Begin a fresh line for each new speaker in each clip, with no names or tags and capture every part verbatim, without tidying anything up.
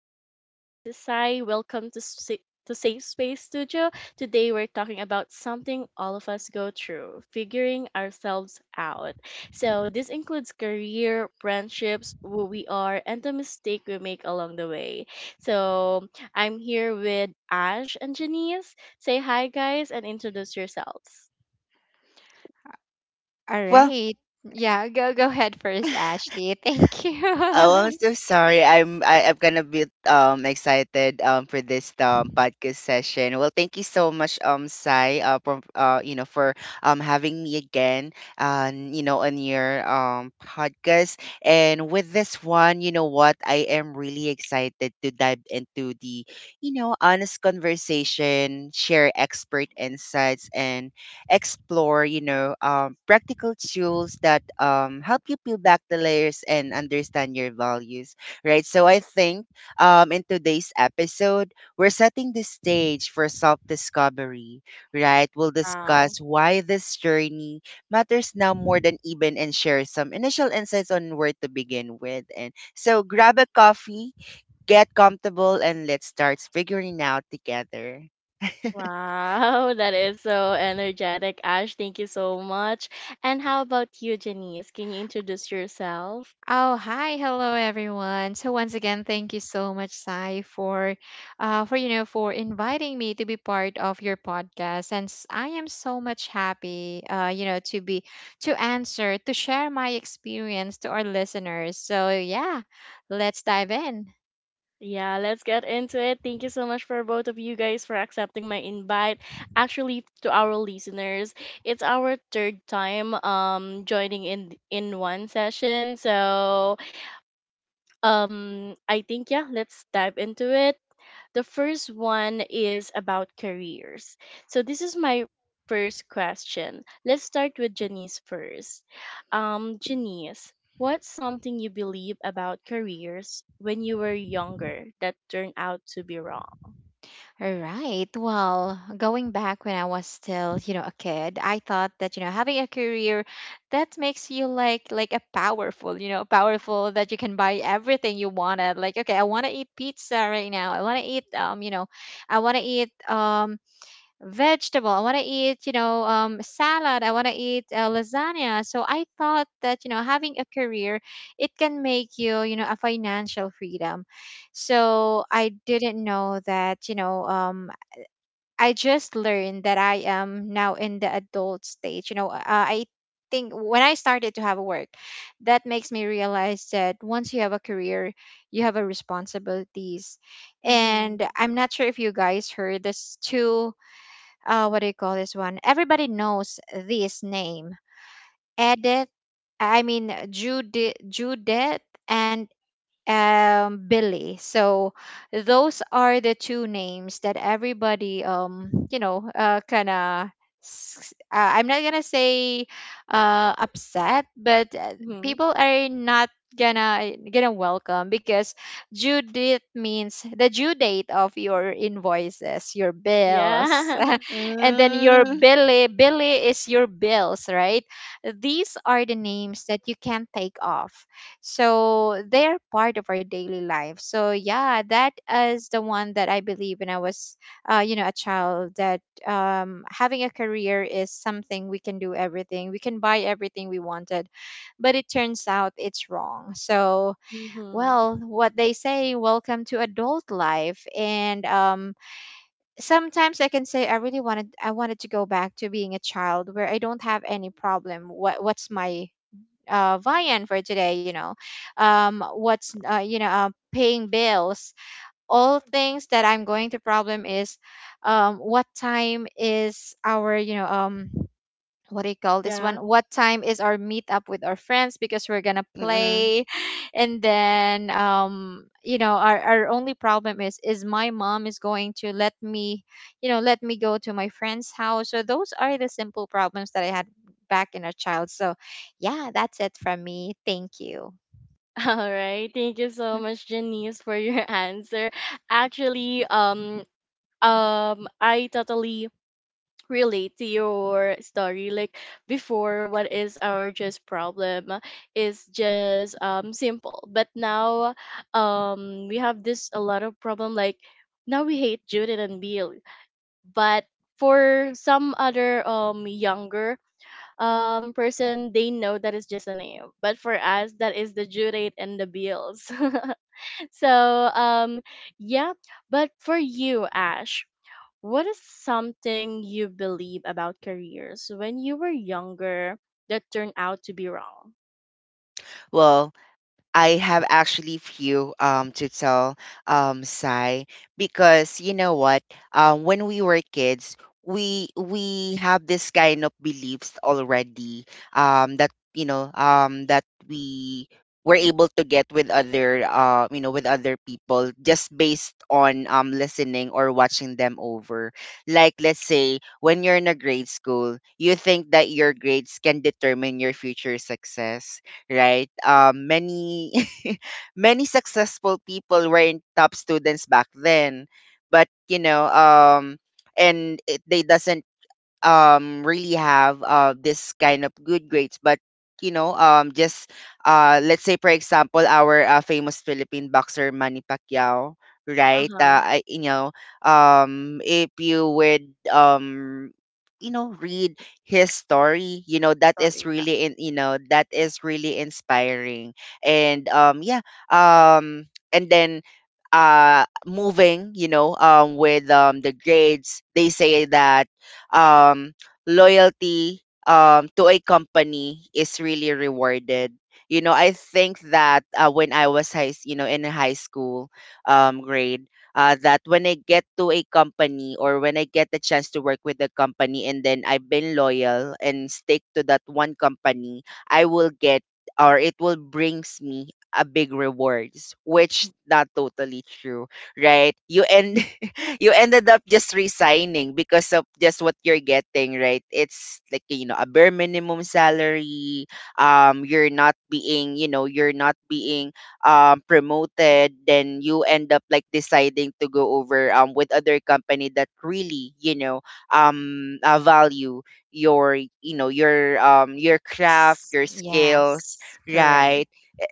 Again, this is Sai. Welcome to Sa- to Safe Space Studio. Today, we're talking about something all of us go through: figuring ourselves out. So, this includes career, friendships, who we are, and the mistake we make along the way. So, I'm here with Ash and Janice. Say hi, guys, and introduce yourselves.
All
Well,
right. Yeah, go go ahead first, Ashley. Thank
oh, I'm
you.
so sorry. I'm I, I'm gonna be um excited um for this um podcast session. Well, thank you so much, um Sai, uh, for, uh you know for um having me again, uh, you know on your um podcast. And with this one, you know what, I am really excited to dive into the you know honest conversation, share expert insights, and explore, you know, um, practical tools that um, help you peel back the layers and understand your values, right? So I think um, in today's episode, we're setting the stage for self discovery, right? We'll discuss
Wow.
why this journey matters now more than even and share some initial insights on where to begin with. And so grab a coffee, get comfortable, and let's start figuring out together.
Wow, that is so energetic, Ash. Thank you so much. And how about you, Janice? Can you introduce yourself?
oh, Hi, hello everyone. So once again, thank you so much, Sai, for uh for you know for inviting me to be part of your podcast. And s- I am so much happy uh you know to be to answer, to share my experience to our listeners. So yeah, let's dive in.
Yeah, let's get into it. Thank you so much for both of you guys for accepting my invite. Actually, to our listeners, it's our third time um joining in in one session. So, um I think yeah, let's dive into it. The first one is about careers. So this is my first question. Let's start with Janice first. Um, Janice, what's something you believe about careers when you were younger that turned out to be wrong?
All right. Well, going back when I was still, you know, a kid, I thought that, you know, having a career that makes you like like a powerful, you know, powerful that you can buy everything you wanted. Like, okay, I want to eat pizza right now. I want to eat um, you know, I want to eat um vegetable. I want to eat, you know, um, salad. I want to eat uh, lasagna. So I thought that, you know, having a career, it can make you, you know, a financial freedom. So I didn't know that, you know, um, I just learned that I am now in the adult stage. You know, uh, I think when I started to have work, that makes me realize that once you have a career, you have a responsibilities.
Mm-hmm.
And I'm not sure if you guys heard this too, uh, what do you call this one? Everybody knows this name, Edith. I mean Judith, Judith and um Billy. So those are the two names that everybody um you know uh kind of, uh, I'm not gonna say uh upset, but, uh,
Mm-hmm.
people are not gonna gonna welcome because due date means the due date of your invoices, your bills,
Yeah.
and then your
mm,
Billy. Billy is your bills, right? These are the names that you can't take off, so they're part of our daily life. So yeah, that is the one that I believe when I was, uh, you know, a child, that um, having a career is something we can do everything, we can buy everything we wanted, but it turns out it's wrong. So
Mm-hmm.
well, what they say, welcome to adult life. And um, Sometimes I can say I really wanted, I wanted to go back to being a child where I don't have any problem. What what's my, uh, Vian for today, you know, um, what's, uh, you know, um, paying bills, all things that I'm going to problem is, um, what time is our, you know, um, what do you call this one?
Yeah.
What time is our meetup with our friends because we're gonna
mm-mm.
play, and then, um, you know, our our only problem is is my mom is going to let me, you know, let me go to my friend's house. So those are the simple problems that I had back in a child. So, yeah, that's it from me. Thank you.
All right. Thank you so much, Janice, for your answer. Actually, um, um, I totally relate to your story, like, before what is our just problem is just um simple, but now um we have this a lot of problem, like, now we hate Judith and Bill, but for some other um younger um person, they know that is just a name, but for us that is the Judith and the Bills. so um yeah, but for you, Ash, what is something you believe about careers when you were younger that turned out to be wrong?
Well, I have actually few um to tell um Sai because you know what um when we were kids we we have this kind of beliefs already um that you know um that we were able to get with other uh you know with other people just based on um listening or watching them over. Like, let's say when you're in a grade school, you think that your grades can determine your future success, right? Um, many many successful people weren't top students back then, but you know, um, and it, they doesn't um really have uh this kind of good grades. But you know um just uh let's say for example our uh, famous Philippine boxer Manny Pacquiao,
Uh
right?
huh.
uh, I, you know um If you would um you know read his story you know that is
Sorry. Yeah.
really in you know that is really inspiring. and um yeah um and then uh moving you know um with um the grades, they say that um, loyalty um, to a company is really rewarded. You know, I think that uh, when I was high, s- you know, in high school um, grade, uh, that when I get to a company, or when I get the chance to work with the company and then I've been loyal and stick to that one company, I will get, or it will brings me a big rewards, which not totally true, right? You end You ended up just resigning because of just what you're getting, right? It's like you know a bare minimum salary. Um, you're not being you know you're not being um promoted. Then you end up like deciding to go over um with other company that really you know um uh, value your you know your um your craft,
S-
your skills,
Yes, correct.
right?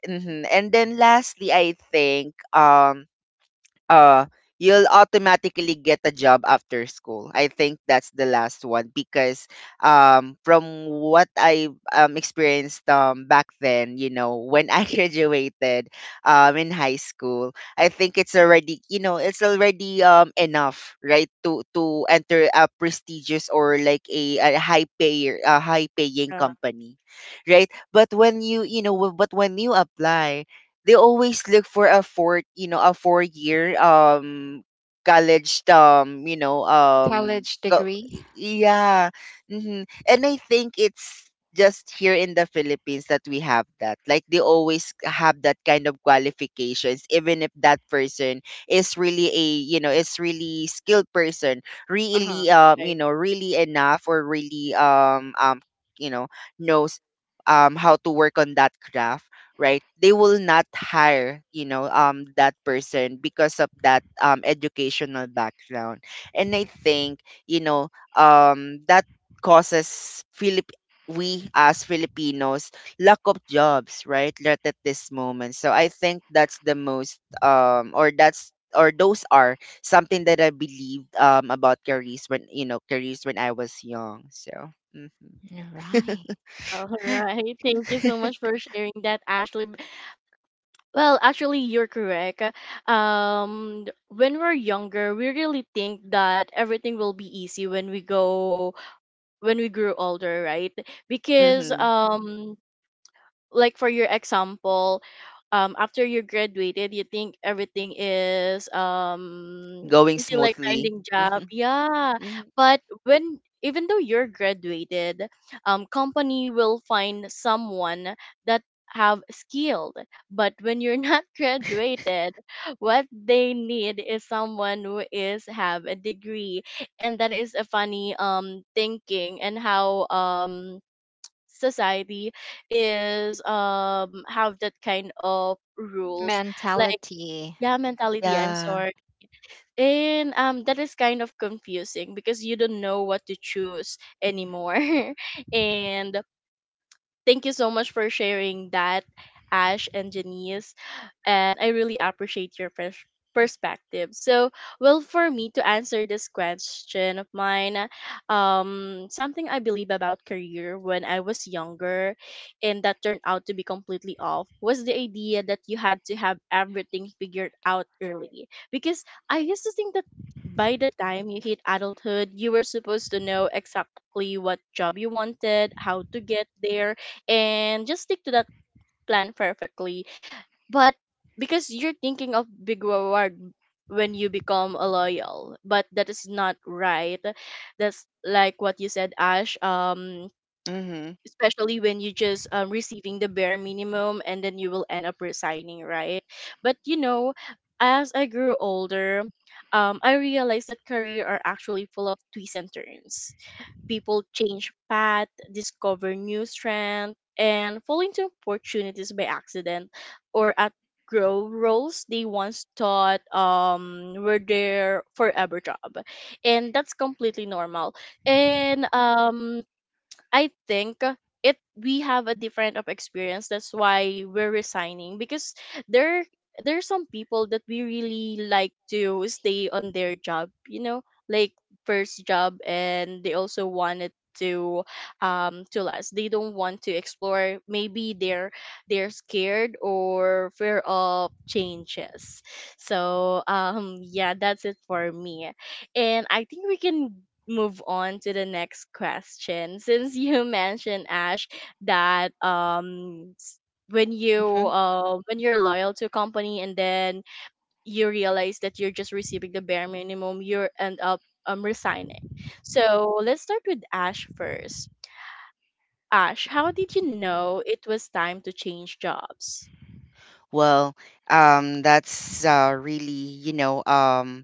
hmm And then lastly, I think um uh you'll automatically get a job after school. I think that's the last one because um from what I um experienced um back then, you know, when I graduated um in high school, I think it's already, you know, it's already um enough, right, to to enter a prestigious, or like a, a high payer a high paying
Yeah.
company, right? But when you, you know, w- but when you apply, they always look for a four you know a four year um college um you know um
College
go-
degree,
yeah hmm and I think it's just here in the Philippines that we have that, like they always have that kind of qualifications even if that person is really a you know is really skilled person,
Uh huh.
really um you
Right.
know really enough, or really um um you know knows um how to work on that craft, right? They will not hire you know um that person because of that um educational background. And I think you know um that causes Philip we as Filipinos lack of jobs, right, right at this moment. So I think that's the most um or that's or those are something that I believed um about careers when you know careers when I was young. So hmm
right?
All right. Thank you so much for sharing that, Ashley. B- Well, actually, you're correct. Um, when we're younger, we really think that everything will be easy when we go when we grew older, right? Because
hmm
um like for your example, um after you graduated, you think everything is um
going
easy, like
smoothly.
finding job. Yeah,
hmm
but when even though you're graduated, um company will find someone that have skilled, but when you're not graduated, what they need is someone who is have a degree. And that is a funny um thinking and how um society is um have that kind of rules, like,
Mentality,
yeah, mentality, I'm
Yeah.
sorry. And um that is kind of confusing because you don't know what to choose anymore. and Thank you so much for sharing that, Ash and Janice. And I really appreciate your pers- perspective. So, well, for me to answer this question of mine, um, something I believe about career when I was younger and that turned out to be completely off was the idea that you had to have everything figured out early. Because I used to think that by the time you hit adulthood, you were supposed to know exactly what job you wanted, how to get there, and just stick to that plan perfectly. But because you're thinking of big reward when you become a loyal, but that is not right. That's like what you said, Ash. Um,
Mm-hmm.
especially when you just um, receiving the bare minimum and then you will end up resigning, right? But you know, as I grew older, um, I realized that career are actually full of twists and turns. People change path, discover new strength, and fall into opportunities by accident, or at grow roles they once thought um were their forever job, and that's completely normal. And um I think it, we have a different of experience. That's why we're resigning. Because there there are some people that we really like to stay on their job, you know, like first job, and they also wanted to um to last. They don't want to explore. Maybe they're they're scared or fear of changes. So um yeah, that's it for me. And I think we can move on to the next question. Since you mentioned, Ash, that um s- when you
hmm
uh when you're loyal to a company and then you realize that you're just receiving the bare minimum, you end up um resigning. So let's start with Ash first. Ash, how did you know it was time to change jobs?
Well, um, that's uh, really, you know, um,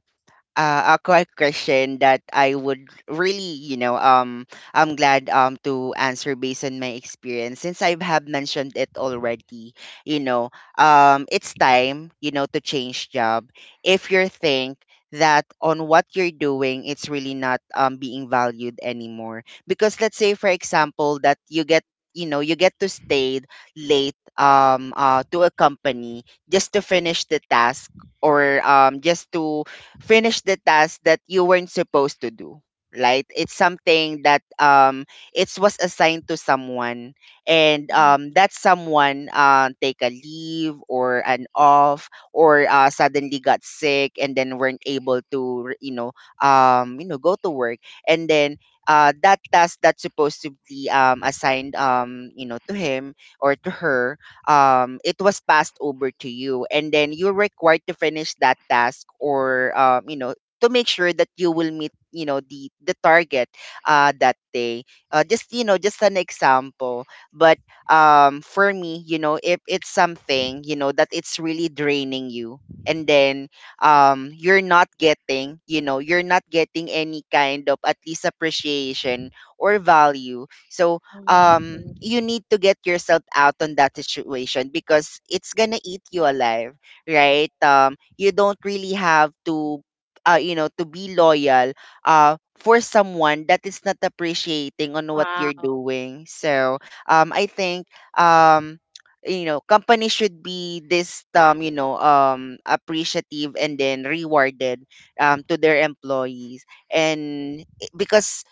uh, a quick question that I would really, you know, um, I'm glad um to answer based on my experience since I have mentioned it already. You know, um, it's time, you know, to change job if you think that on what you're doing it's really not um being valued anymore. Because let's say for example that you get you know you get to stay late um uh to a company just to finish the task, or um just to finish the task that you weren't supposed to do, right? It's something that um it was assigned to someone, and
Mhm.
um that someone uh, take a leave or an off, or uh, suddenly got sick and then weren't able to you know um you know go to work. And then uh, that task that's supposed to be um, assigned um you know to him or to her, um, it was passed over to you, and then you're required to finish that task, or um, you know, to make sure that you will meet, you know, the the target uh, that day. Uh, just you know, just an example. But um, for me, you know, if it's something, you know, that it's really draining you, and then um, you're not getting, you know, you're not getting any kind of at least appreciation or value, so
Mm.
um, you need to get yourself out on that situation because it's gonna eat you alive, right? Um, you don't really have to, uh, you know, to be loyal uh, for someone that is not appreciating on what you're
Wow.
doing. So, um, I think, um, you know, companies should be this, um, you know, um, appreciative and then rewarded um, to their employees. And i- because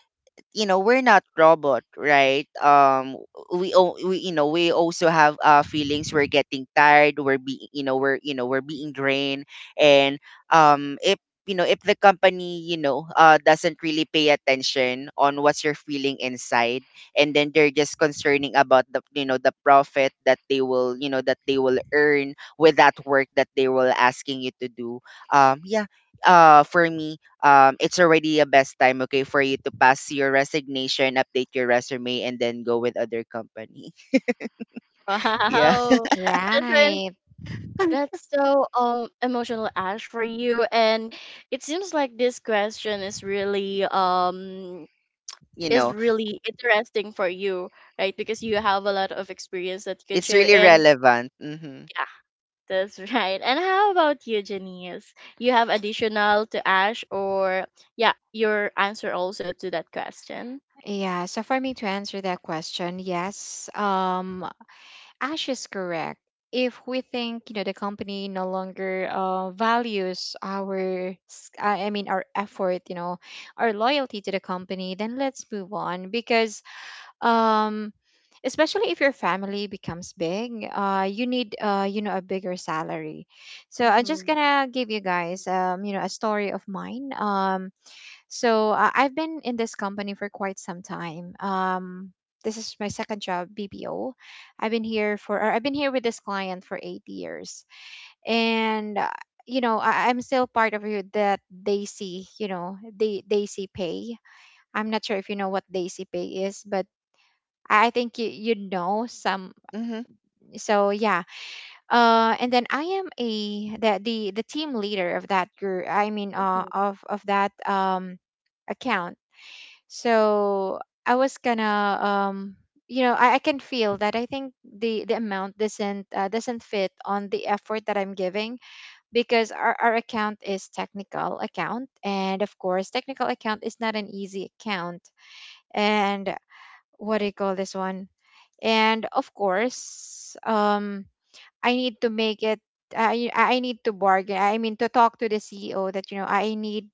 you know we're not robot, right? Um, we, al- we you know we also have uh feelings, we're getting tired we're being you know we're you know we're being drained. And um if you know if the company you know uh doesn't really pay attention on what's you're feeling inside, and then they're just concerning about the you know the profit that they will you know that they will earn with that work that they will asking you to do, um yeah uh for me, um, it's already a best time, okay, for you to pass your resignation, update your resume, and then go with other company. Yeah,
Wow. That's
right?
That's so um emotional, Ash, for you. And it seems like this question is really um
you
is
know,
really interesting for you, right? Because you have a lot of experience that you can
it's
share.
really
And
relevant. Mm-hmm.
yeah, that's right. And how about you, Janice? You have additional to Ash, or yeah, your answer also to that question.
Yeah, so for me to answer that question, yes, um, Ash is correct. If we think, you know, the company no longer, uh, values our, s- uh, I I mean, our effort, you know, our loyalty to the company, then let's move on. Because, um, especially if your family becomes big, uh, you need, uh, you know, a bigger salary. So I'm just
Mm-hmm.
gonna give you guys, um, you know, a story of mine. Um, so uh, I've been in this company for quite some time. Um, this is my second job, B P O. I've been here for, or I've been here with this client for eight years, and uh, you know I, I'm still part of you that they see. You know they they see pay. I'm not sure if you know what they see pay is, but I I think you you know some.
Mm-hmm.
So yeah, uh, and then I am a the the the team leader of that group. I mean, uh, of of that um account. So I was kind of, um you know I, I can feel that I think the the amount doesn't, uh, doesn't fit on the effort that I'm giving, because our, our account is technical account, and of course technical account is not an easy account. And what do you call this one? And of course um I need to make it, I I need to bargain, I mean, to talk to the C E O that you know I need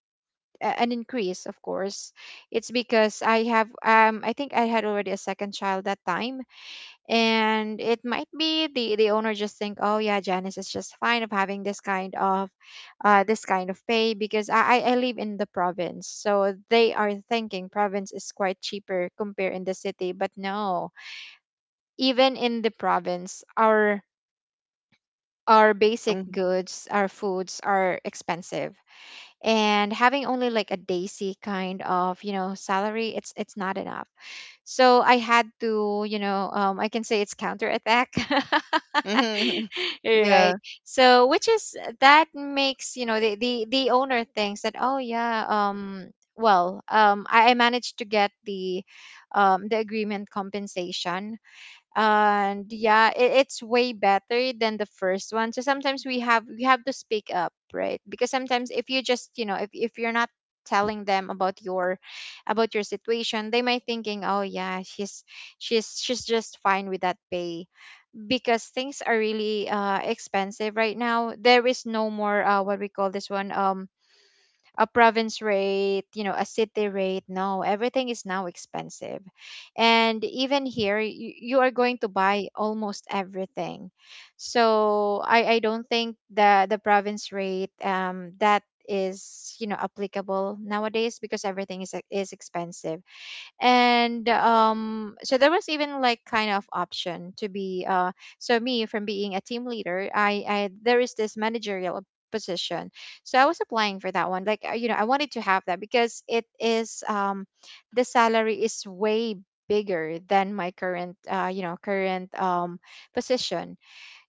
a- an increase. Of course it's because I have, um I think I had already a second child that time, and it might be the the owner just think, oh yeah, Janice is just fine of having this kind of, uh this kind of pay, because I i I live in the province, so they are thinking province is quite cheaper compared in the city. But no, even in the province, our our basic
Mm-hmm.
goods, our foods are expensive. And having only like a daisy kind of, you know, salary, it's it's not enough. So I had to, you know, um, I can say it's counterattack.
Mm-hmm. Yeah.
Right? So which is that makes, you know, the, the the owner thinks that, oh yeah, um well um i, I managed to get the um the agreement compensation, and yeah, it, it's way better than the first one. So sometimes we have, we have to speak up. Right? Because sometimes if you just, you know, if, if you're not telling them about your, about your situation, they might thinking, oh yeah, she's she's she's just fine with that pay. Because things are really uh expensive right now. There is no more, uh what we call this one, um a province rate, you know, a city rate. No, everything is now expensive. And even here, you, you are going to buy almost everything. So I, I don't think the, the province rate, um, that is, you know, applicable nowadays, because everything is is expensive. And um So there was even like kind of option to be, uh so me from being a team leader, i i there is this managerial position. So I was applying for that one, like, uh, you know, I wanted to have that because it is, um the salary is way bigger than my current, uh you know current um position.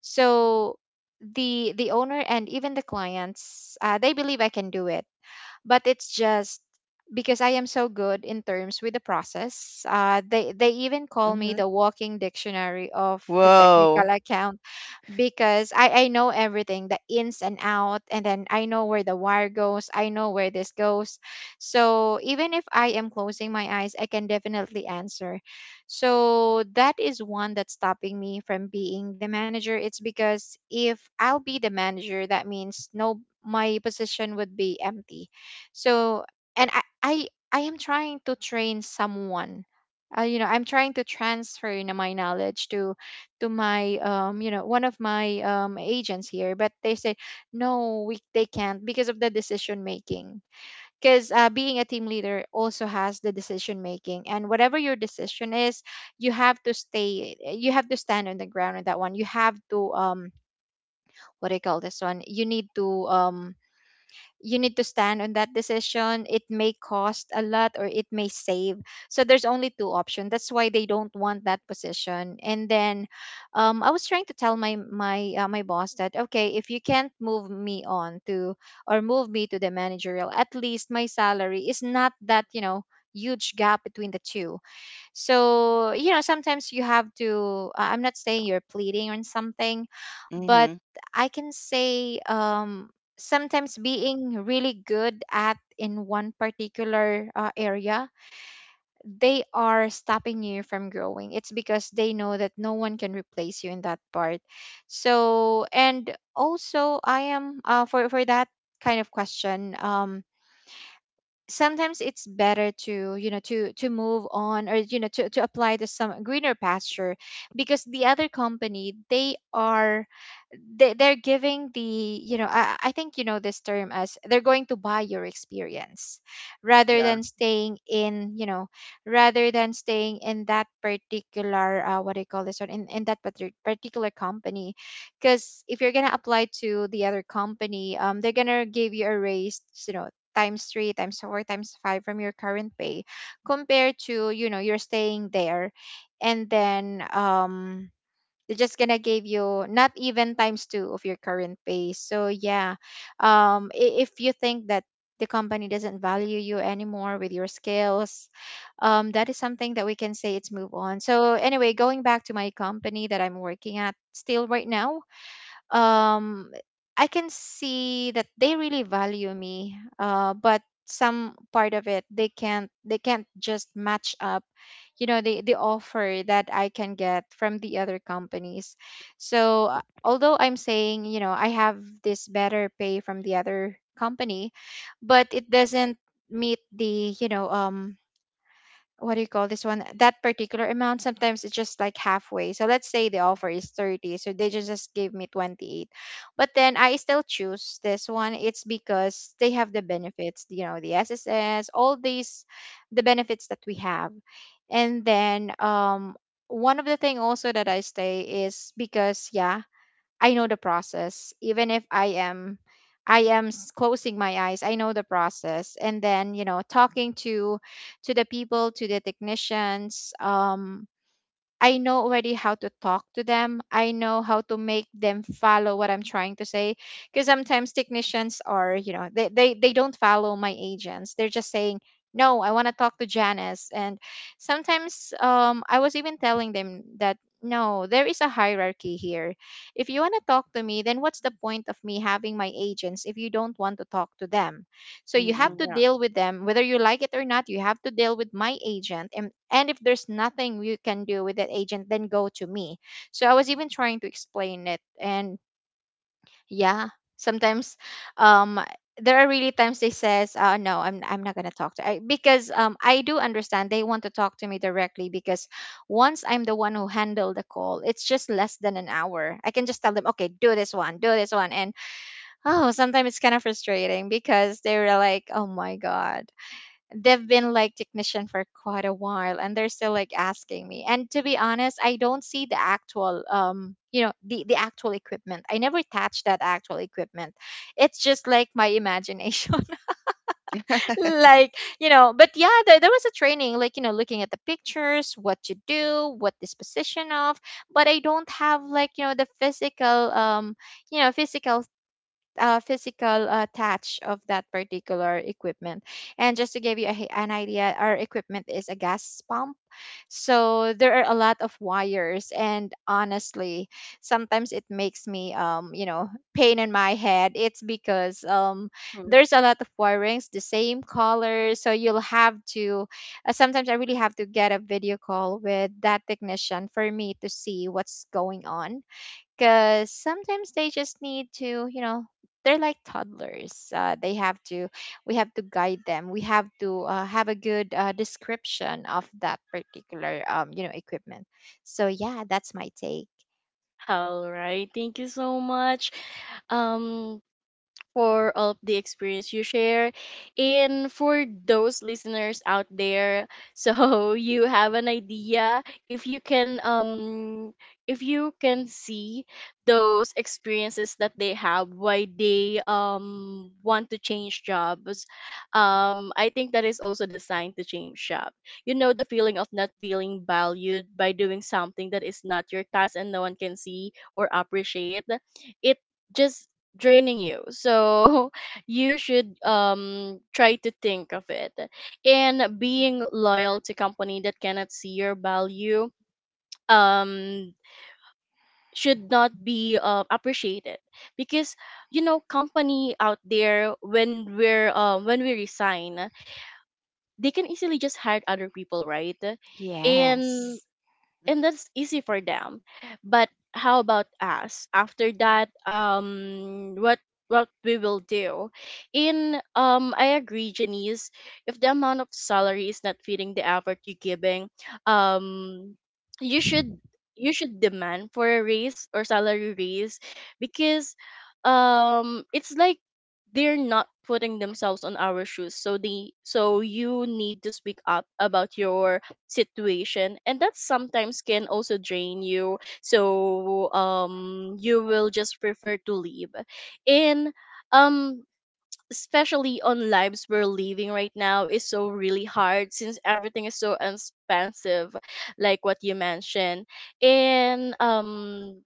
So the the owner and even the clients, uh, they believe I can do it. But it's just because I am so good in terms with the process. Uh, they they even call me
Mm-hmm.
the walking dictionary of the technical
Whoa.
account, because I, I know everything, the ins and out, and then I know where the wire goes, I know where this goes. So even if I am closing my eyes, I can definitely answer. So that is one that's stopping me from being the manager. It's because if I'll be the manager, that means no, my position would be empty. So, and i i, I am trying to train someone, uh, you know, I'm trying to transfer, you know, my knowledge to to my, um you know one of my um agents here. But they said no, we they can't, because of the decision making. Because, uh, being a team leader also has the decision making, and whatever your decision is, you have to stay, you have to stand on the ground on that one. You have to, um what do you call this one you need to, um you need to stand on that decision. It may cost a lot or it may save. So there's only two options. That's why they don't want that position. And then, um, I was trying to tell my my uh, my boss that, okay, if you can't move me on to, or move me to the managerial, at least my salary is not that, you know, huge gap between the two. So, you know, sometimes you have to, I- I'm not saying you're pleading on something, but
Mm-hmm.
I can say, um, sometimes being really good at in one particular, uh, area, they are stopping you from growing. It's because they know that no one can replace you in that part. So, and also I am uh, for for that kind of question, um, sometimes it's better to you know to to move on, or you know to, to apply to some greener pasture, because the other company they are they, they're giving the, you know I, I think you know this term, as they're going to buy your experience rather
Yeah.
than staying in, you know rather than staying in that particular uh, what do you call this one, in, in that partic- particular company. Because if you're gonna apply to the other company, um, they're gonna give you a raise, you know, times three, times four, times five from your current pay, compared to, you know you're staying there. And then um they're just gonna give you not even times two of your current pay. So yeah, um i- if you think that the company doesn't value you anymore with your skills, um, that is something that we can say it's move on. So anyway, going back to my company that I'm working at still right now, um I can see that they really value me, uh, but some part of it they can't, they can't just match up, you know, the the offer that I can get from the other companies. So uh, although I'm saying, you know, I have this better pay from the other company, but it doesn't meet the, you know um what do you call this one, that particular amount. Sometimes it's just like halfway. So let's say the offer is thirty, so they just, just gave me twenty-eight. But then I still choose this one, it's because they have the benefits, you know, the sss, all these, the benefits that we have. And then um one of the thing also that I stay is because yeah, I know the process. Even if I am, I am s- closing my eyes, I know the process. And then, you know, talking to to the people, to the technicians, um, I know already how to talk to them. I know how to make them follow what I'm trying to say. Because sometimes technicians are, you know, they, they, they don't follow my agents. They're just saying, no, I want to talk to Janice. And sometimes um, I was even telling them that, no, there is a hierarchy here. If you want to talk to me, then what's the point of me having my agents if you don't want to talk to them? So you have
Mm-mm.
Mm-hmm.
to
Yeah.
deal with them, whether you like it or not. You have to deal with my agent, and and if there's nothing you can do with that agent, then go to me. So I was even trying to explain it. And yeah, sometimes, um, there are really times they says, uh, no, I'm I'm not gonna talk to I, because um I do understand they want to talk to me directly, because once I'm the one who handle the call, it's just less than an hour. I can just tell them, okay, do this one, do this one, and oh, sometimes it's kind of frustrating because they were like, "Oh my god, they've been like technician for quite a while, and they're still like asking me." And to be honest, I don't see the actual, um, you know, the the actual equipment. I never touch that actual equipment. It's just like my imagination, like you know. But yeah, there there was a training, like you know, looking at the pictures, what to do, what disposition of. But I don't have, like you know, the physical, um, you know, physical uh, physical uh, touch of that particular equipment. And just to give you a, hi- an idea, our equipment is a gas pump. So there are a lot of wires. And honestly, sometimes it makes me, um, you know, pain in my head. It's because um,
Mhm.
there's a lot of wirings, the same color. So you'll have to, uh, sometimes I really have to get a video call with that technician for me to see what's going on, because sometimes they just need to, you know, they're like toddlers, uh, they have to, we have to guide them, we have to uh, have a good uh, description of that particular um, you know, equipment. So yeah, that's my take.
All right. Thank you so much. Um, for all of the experience you share. And for those listeners out there, so you have an idea, if you can um if you can see those experiences that they have why they um want to change jobs, um I think that is also the sign to change job. You know, the feeling of not feeling valued by doing something that is not your task and no one can see or appreciate it just draining you, so you should um try to think of it. And being loyal to company that cannot see your value um should not be uh, appreciated, because, you know, company out there, when we're um when we resign, they can easily just hire other people, right? and
Yes.
and that's easy for them. But how about us after that? um what what we will do in um I agree, Janice, if the amount of salary is not fitting the effort you're giving, um you should, you should demand for a raise or salary raise. Because um it's like they're not putting themselves on our shoes, so they, so you need to speak up about your situation. And that sometimes can also drain you, so um you will just prefer to leave. And um especially on lives we're living right now is so really hard, since everything is so expensive, like what you mentioned. And um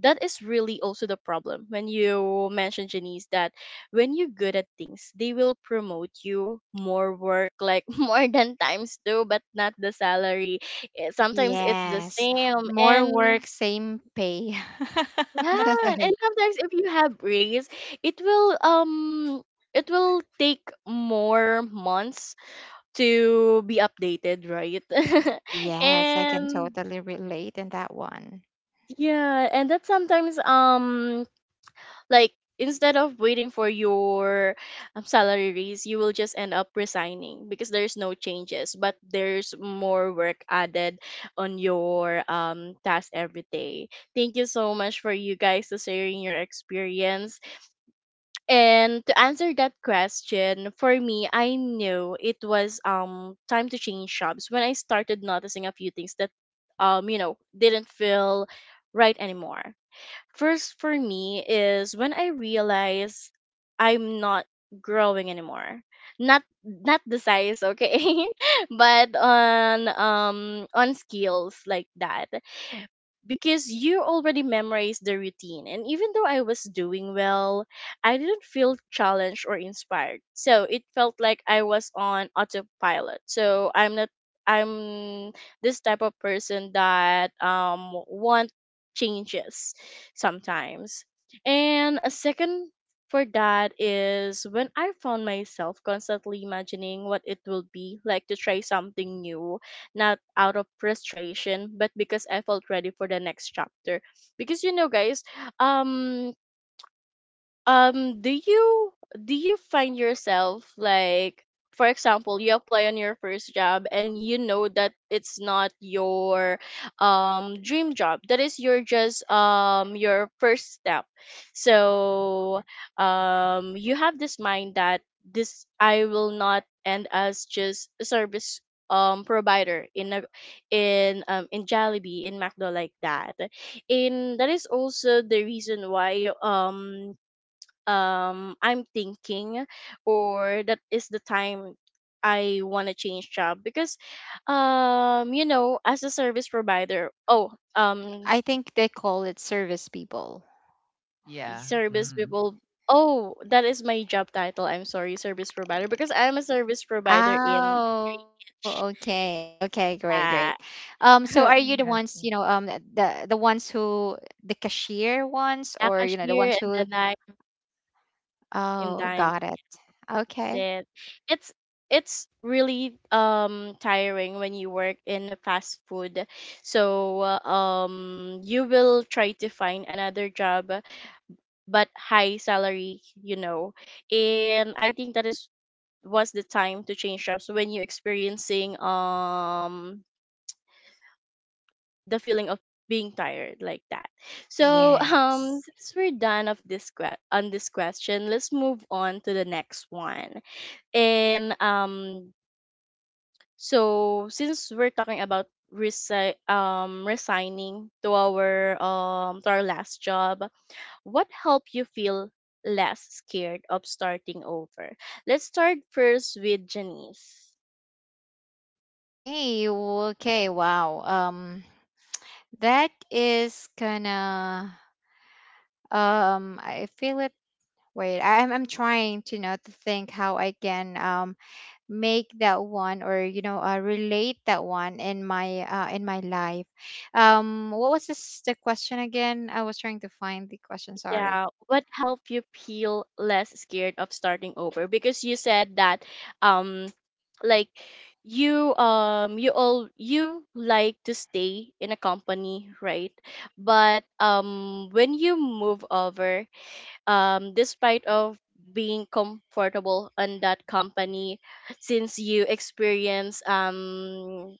that is really also the problem, when you mentioned, Janice, that when you're good at things, they will promote you more work, like more than times two, but not the salary. Eh, sometimes it's the
Yes,
same.
more
And
work same pay.
yeah, and
Mhm.
sometimes if you have raise, it will um it will take more months to be updated, right?
Yes, I can
And
totally relate in that one.
yeah, and that sometimes, um like, instead of waiting for your um, salary raise, you will just end up resigning, because there's no changes, but there's more work added on your um task every day. Thank you so much for you guys to sharing your experience. And to answer that question, for me, I knew it was um time to change jobs when I started noticing a few things that um you know didn't feel right anymore. First for me is when I realize I'm not growing anymore. Not not the size, okay? But on um on skills, like that. Because you already memorized the routine, and even though I was doing well, I didn't feel challenged or inspired, so it felt like I was on autopilot. So I'm not, I'm this type of person that um want changes sometimes. And a second for that is when I found myself constantly imagining what it will be like to try something new, not out of frustration, but because I felt ready for the next chapter. Because, you know, guys, um um do you, do you find yourself, like, for example, you apply on your first job and you know that it's not your um dream job, that is your just um your first step. So um you have this mind that this, I will not end as just a service um provider in a, in um in Jollibee, in McDo, like that. And that is also the reason why um um I'm thinking, or that is the time I want to change job, because um you know, as a service provider. oh um
I think they call it service people.
Yeah.
Service
Mm.
people, oh, that is my job title, I'm sorry, service provider, because I'm a service provider in
Oh,
H,
okay, okay, great, great.
uh,
Um, so are you the ones, you
I
know,
have
um,
to.
th- the the ones who, the cashier ones, or
a
you know, the ones
cashier, and
who?
then in
Oh,
time.
got it.
That's
Okay.
it. It's it's really um tiring when you work in a fast food. So um you will try to find another job, but high salary, you know. And I think that is, was the time to change jobs, when you're experiencing um the feeling of being tired, like that. So um
Yes.
since we're done of this que- on this question, let's move on to the next one. And um, so since we're talking about resi- um, resigning to our um to our last job, what helped you feel less scared of starting over? Let's start first with Janice.
Okay, well, okay. Wow. Um, that is gonna. Um, I feel it. Wait, I- I'm I'm trying to, you know, to think how I can um make that one, or you know, uh, relate that one in my uh, in my life. Um what was this, the question again? I was trying to find the question, sorry.
Yeah, what helped you feel less scared of starting over? Because you said that um like you um you all, you like to stay in a company, right? But um when you move over, um despite of being comfortable on that company since you experience um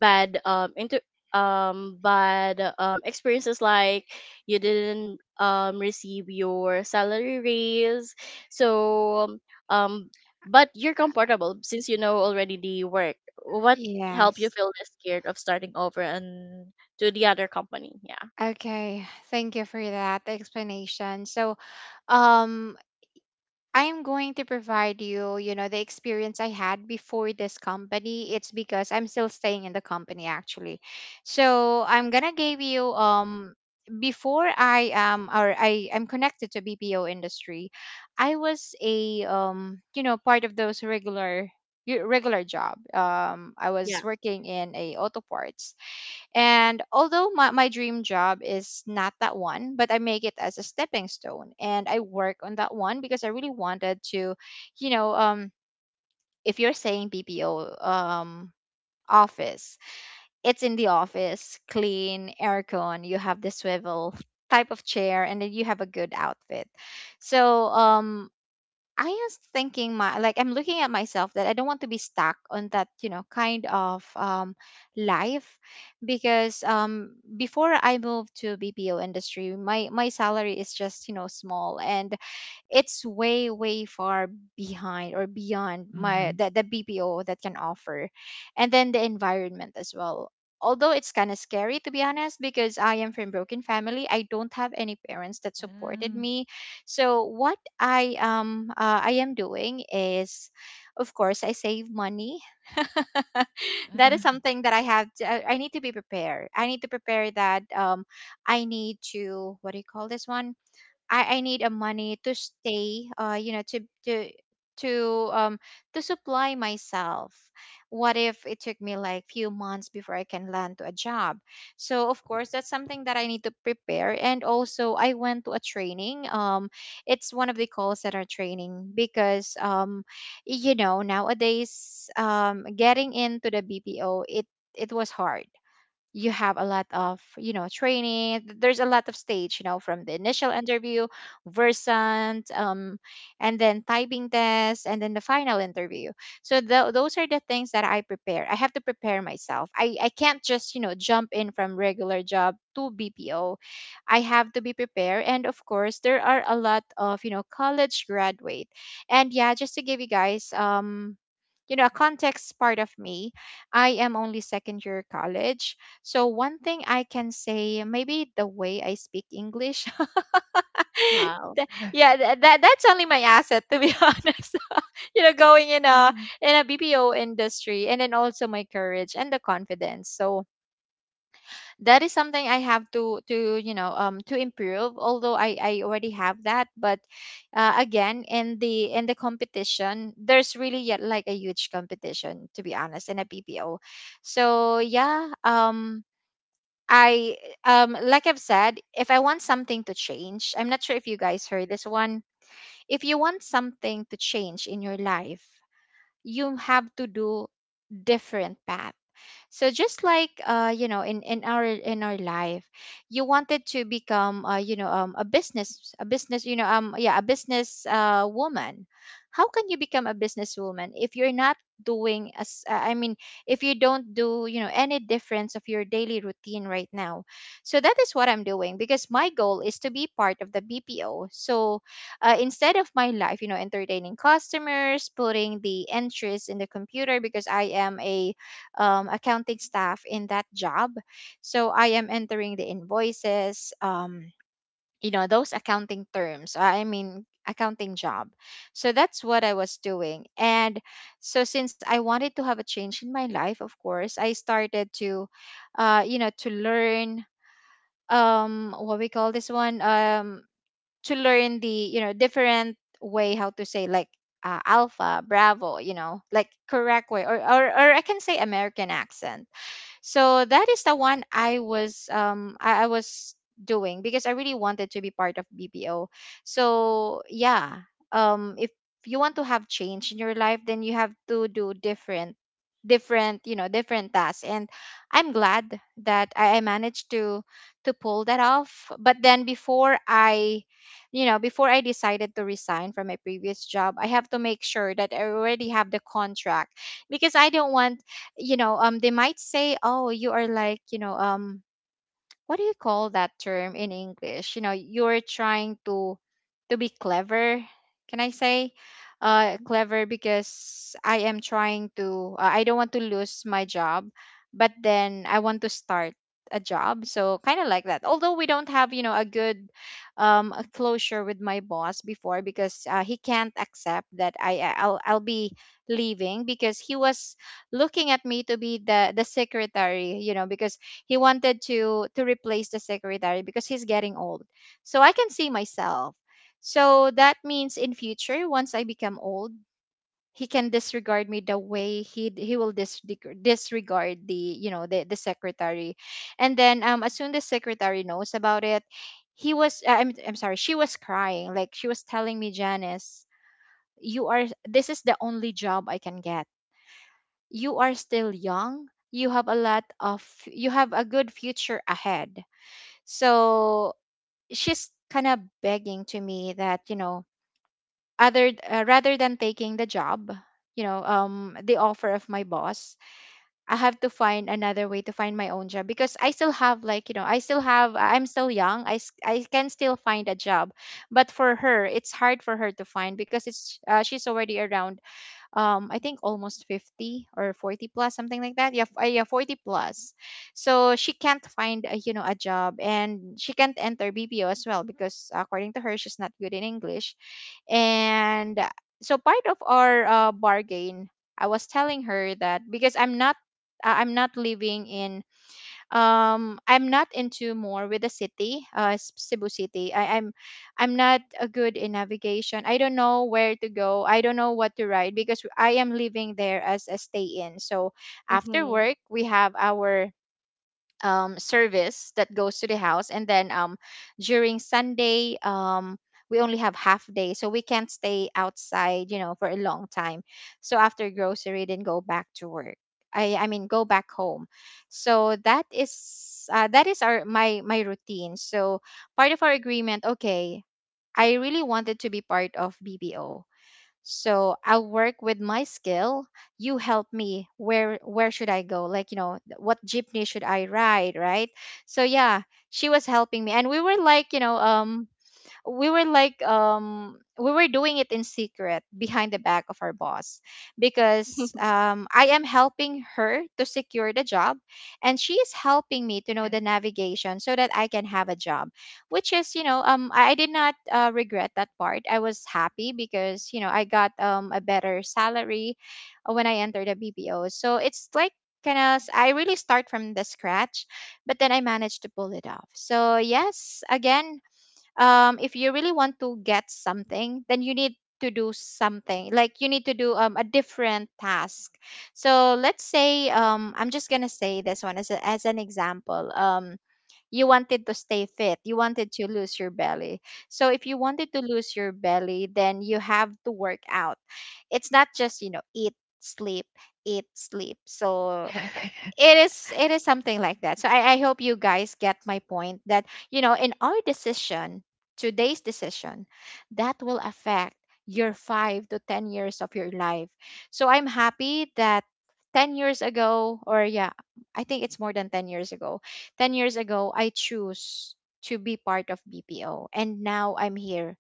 bad um into um bad um experiences like you didn't um receive your salary raise so um but you're comfortable since you know already the work. What help you
Yes.
feel less scared of starting over and to the other company? Yeah.
Okay, thank you for that explanation. So um I'm going to provide you, you know, the experience I had before this company. It's because I'm still staying in the company actually. So I'm gonna give you um before I am, or I am connected to B P O industry, I was a um you know, part of those regular y- regular job. Um, I was
Yeah.
working in a auto parts. And although my, my dream job is not that one, but I make it as a stepping stone and I work on that one because I really wanted to, you know, um, if you're saying B P O, um, office, it's in the office, clean, aircon, you have the swivel type of chair, and then you have a good outfit. So um, I was thinking my, like I'm looking at myself that I don't want to be stuck on that, you know, kind of um life. Because um before I moved to B P O industry, my my salary is just, you know, small, and it's way way far behind or beyond my
Mm-hmm.
the, the BPO that can offer. And then the environment as well, although it's kind of scary to be honest, because I am from broken family, I don't have any parents that supported
Um,
me. So what I um uh, I am doing is, of course, I save money. That is
uh,
something that I have to, i I need to be prepared. I need to prepare that um I need to, what do you call this one, I, I need a money to stay, uh you know, to to to um to supply myself. What if it took me like few months before I can land to a job? So of course that's something that I need to prepare. And also I went to a training, um it's one of the call center training, because um you know, nowadays, um getting into the BPO, it it was hard. You have a lot of, you know, training, th- there's a lot of stage, you know, from the initial interview, versant, um, and then typing test, and then the final interview. So tho- those are the things that I prepare. I have to prepare myself, I, I can't just, you know, jump in from regular job to BPO. I have to be prepared. And of course there are a lot of, you know, college graduate. And yeah, just to give you guys um you know, a context part of me, I am only second year college. So one thing I can say, maybe the way I speak English.
Wow.
Th- yeah, th- that that's only my asset to be honest. You know, going in a
um,
in a B P O industry, and then also my courage and the confidence. So that is something I have to to, you know, um to improve. Although I I already have that, but uh, again, in the in the competition, there's really yet like a huge competition to be honest in a B P O. So yeah, um I um like I've said, if I want something to change, I'm not sure if you guys heard this one. If you want something to change in your life, you have to do different path. So just like uh, you know, in, in our in our life, you wanted to become uh, you know, um, a business, a business, you know, um yeah, a business uh, woman. How can you become a businesswoman if you're not doing as uh, I mean, if you don't do, you know, any difference of your daily routine right now? So that is what I'm doing, because my goal is to be part of the BPO. So uh, instead of my life, you know, entertaining customers, putting the entries in the computer, because I am a um, accounting staff in that job. So I am entering the invoices, um, you know, those accounting terms. uh, I mean, accounting job. So that's what I was doing. And so since I wanted to have a change in my life, of course, I started to, uh, you know, to learn um, what we call this one, um, to learn the, you know, different way how to say, like, uh, alpha bravo, you know, like correct way, or, or or I can say American accent. So that is the one I was um I, I was doing because I really wanted to be part of B P O. So yeah, um if you want to have change in your life, then you have to do different different you know different tasks, and i'm glad that i I managed to to pull that off. But then, before i you know before i decided to resign from my previous job, i have to make sure that i already have the contract, because i don't want, you know um they might say, oh, you are, like, you know um what do you call that term in English? You know, you're trying to to be clever. Can I say uh, clever? Because I am trying to. Uh, I don't want to lose my job, but then I want to start a job. So kind of like that. Although we don't have, you know a good, um a closure with my boss before, because uh, he can't accept that I I'll I'll be leaving, because he was looking at me to be the the secretary, you know, because he wanted to to replace the secretary because he's getting old. So I can see myself. So that means in future, once I become old, he can disregard me the way he he will dis- disregard the you know the the secretary. And then, um as soon as the secretary knows about it, he was uh, I'm I'm sorry, she was crying, like, she was telling me, Janice, you are this is the only job I can get. You are still young. You have a lot of you have a good future ahead. So she's kind of begging to me that, you know, other uh, rather than taking the job, you know, um the offer of my boss. I have to find another way to find my own job because I still have, like, you know, I still have I'm still young. I s- I can still find a job. But for her, it's hard for her to find, because it's uh, she's already around, um I think, almost fifty or forty plus, something like that. Yeah, f- uh, yeah, forty plus. So she can't find a, you know a job, and she can't enter B P O as well, because according to her she's not good in English. And uh, So part of our uh, bargain, I was telling her that because I'm not uh, I'm not living in, um i'm not into more with the city, uh S- Cebu city. I, i'm i'm not a good in navigation. I don't know where to go. I don't know what to ride, because i am living there as a stay in. So after
Mm-hmm.
work we have our, um, service that goes to the house, and then, um, during Sunday, um, we only have half day, so we can't stay outside, you know for a long time. So after grocery then go back to work. I i mean, go back home. So that is, uh, that is our my my routine. So part of our agreement. Okay, i really wanted to be part of B B O, so i'll work with my skill. You help me, where where should i go, like, you know what jeepney should i ride, right? So yeah, she was helping me, and we were like you know um we were like um we were doing it in secret behind the back of our boss, because um I am helping her to secure the job, and she is helping me to know
yeah.
the navigation, so that I can have a job. Which is, you know, um I I did not uh, regret that part. I was happy, because you know I got, um a better salary uh, when I entered the B P O. So it's like, kind of, I really start from the scratch. But then I managed to pull it off. So yes, again, um, if you really want to get something, then you need to do something. Like, you need to do, um, a different task. So let's say, um, I'm just gonna say this one as a, as an example. Um, you wanted to stay fit. You wanted to lose your belly. So if you wanted to lose your belly, then you have to work out. It's not just, you know eat, sleep, eat, sleep. So it is it is something like that. So I, I hope you guys get my point, that, you know in our decision today's decision that will affect your five to ten years of your life. So i'm happy that ten years ago, or, yeah, i think it's more than ten years ago. ten years ago i choose to be part of B P O, and now i'm here,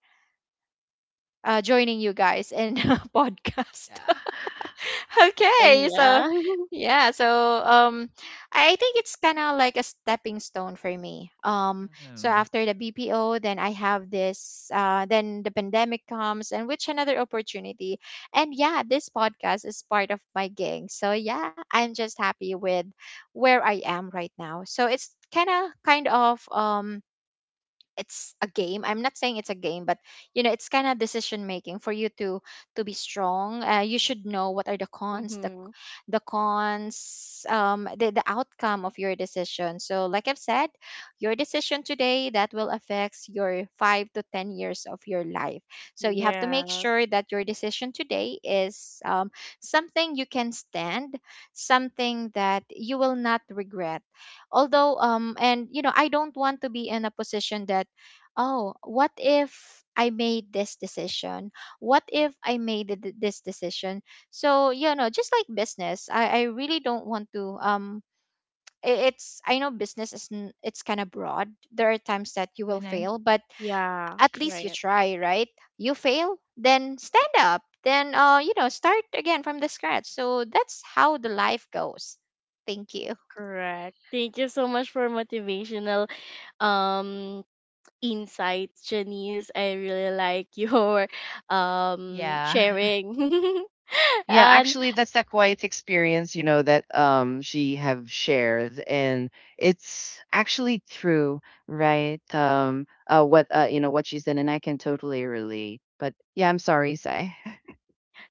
uh, joining you guys in a podcast.
Yeah.
And
okay so
yeah.
yeah so um i I think it's kind of like a stepping stone for me, um so
Um,
after the B P O, then I have this uh then the pandemic comes, and which another opportunity. And yeah, this podcast is part of my gig, so yeah, i'm just happy with where i am right now. So it's kind of, kind of um it's a game. I'm not saying it's a game, but, you know it's kind of decision making for you to to be strong. Uh, you should know what are the cons, the
Mm-hmm.
the cons um the, the outcome of your decision. So like i've said, your decision today that will affects your five to ten years of your life. So you have to make
Yes.
sure that your decision today is, um, something you can stand, something that you will not regret. Although, um and, you know i don't want to be in a position that, oh, what if i made this decision, what if i made th- this decision. So you know just like business, i i really don't want to, um I- it's i know business is, n- it's kind of broad. There are times that you will
when I,
fail, but
Yeah,
at least you
right.
try, right? You fail, then stand up, then uh you know start again from the scratch. So that's how the life goes. Thank you.
Correct, thank you so much for motivational um insights, Janice. I really like your um
yeah.
sharing.
Yeah,
And
actually, that's a quiet experience, you know, that um she have shared, and it's actually true, right? Um, uh, what uh, you know, what she said, and I can totally relate. But yeah, I'm sorry, Sai.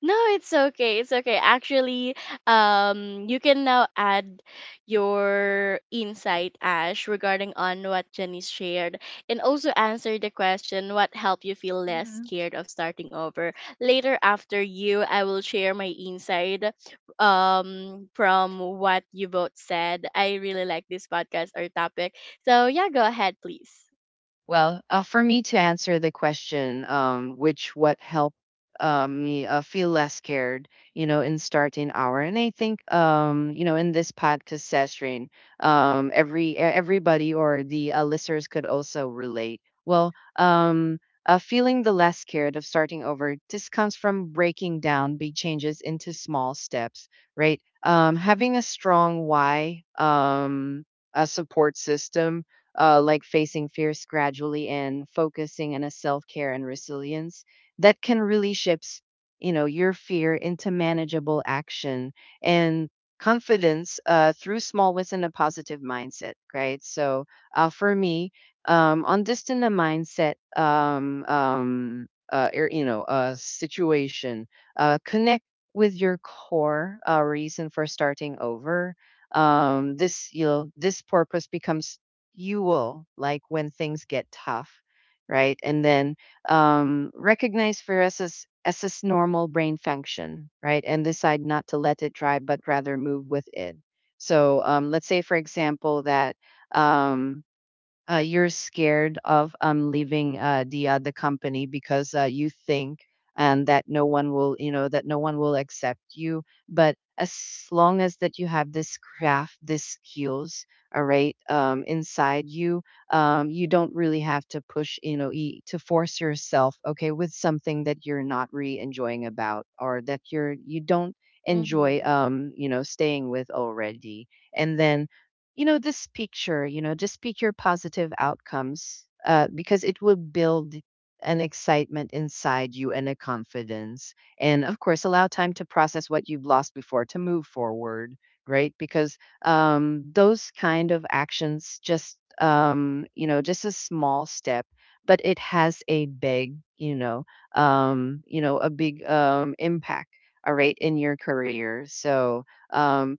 no, it's okay. It's okay. Actually, um, you can now add your insight, Ash, regarding on what Jenny's shared, and also answer the question what helped you feel less scared of starting over. Later, after you, I will share my insight, um, from what you both said. I really like this podcast or topic. So yeah, go ahead, please.
Well, uh, for me to answer the question, um, which what helped um, me uh, feel less scared, you know, in starting hour. And I think, um, you know, in this podcast session, um, every e- everybody or the uh, listeners could also relate. Well, um, uh, feeling the less scared of starting over just comes from breaking down big changes into small steps, right? Um, having a strong why, um, a support system, uh, like facing fears gradually, and focusing on a self-care and resilience that can really shifts you know your fear into manageable action and confidence uh, through small wins and a positive mindset, right? So uh, for me, um, on this in the mindset um, um, uh, er, you know uh, situation, uh, connect with your core uh, reason for starting over. Um, this you know this purpose becomes you will like when things get tough, right? And then um, recognize fear as its as its normal brain function, right, and decide not to let it drive, but rather move with it. So um, let's say for example that um, uh, you're scared of um, leaving uh, the other company because uh, you think and that no one will you know that no one will accept you. But as long as that you have this craft, this skills, all right, um, inside you, um, you don't really have to push you know e- to force yourself okay with something that you're not really enjoying about, or that you're you don't enjoy
Mm-hmm.
um you know staying with already. And then you know this picture you know just pick your positive outcomes, uh, because it will build an excitement inside you and a confidence. And of course allow time to process what you've lost before to move forward, right? Because um, those kind of actions just um, you know just a small step, but it has a big you know um, you know a big um, impact, all right, in your career. So um,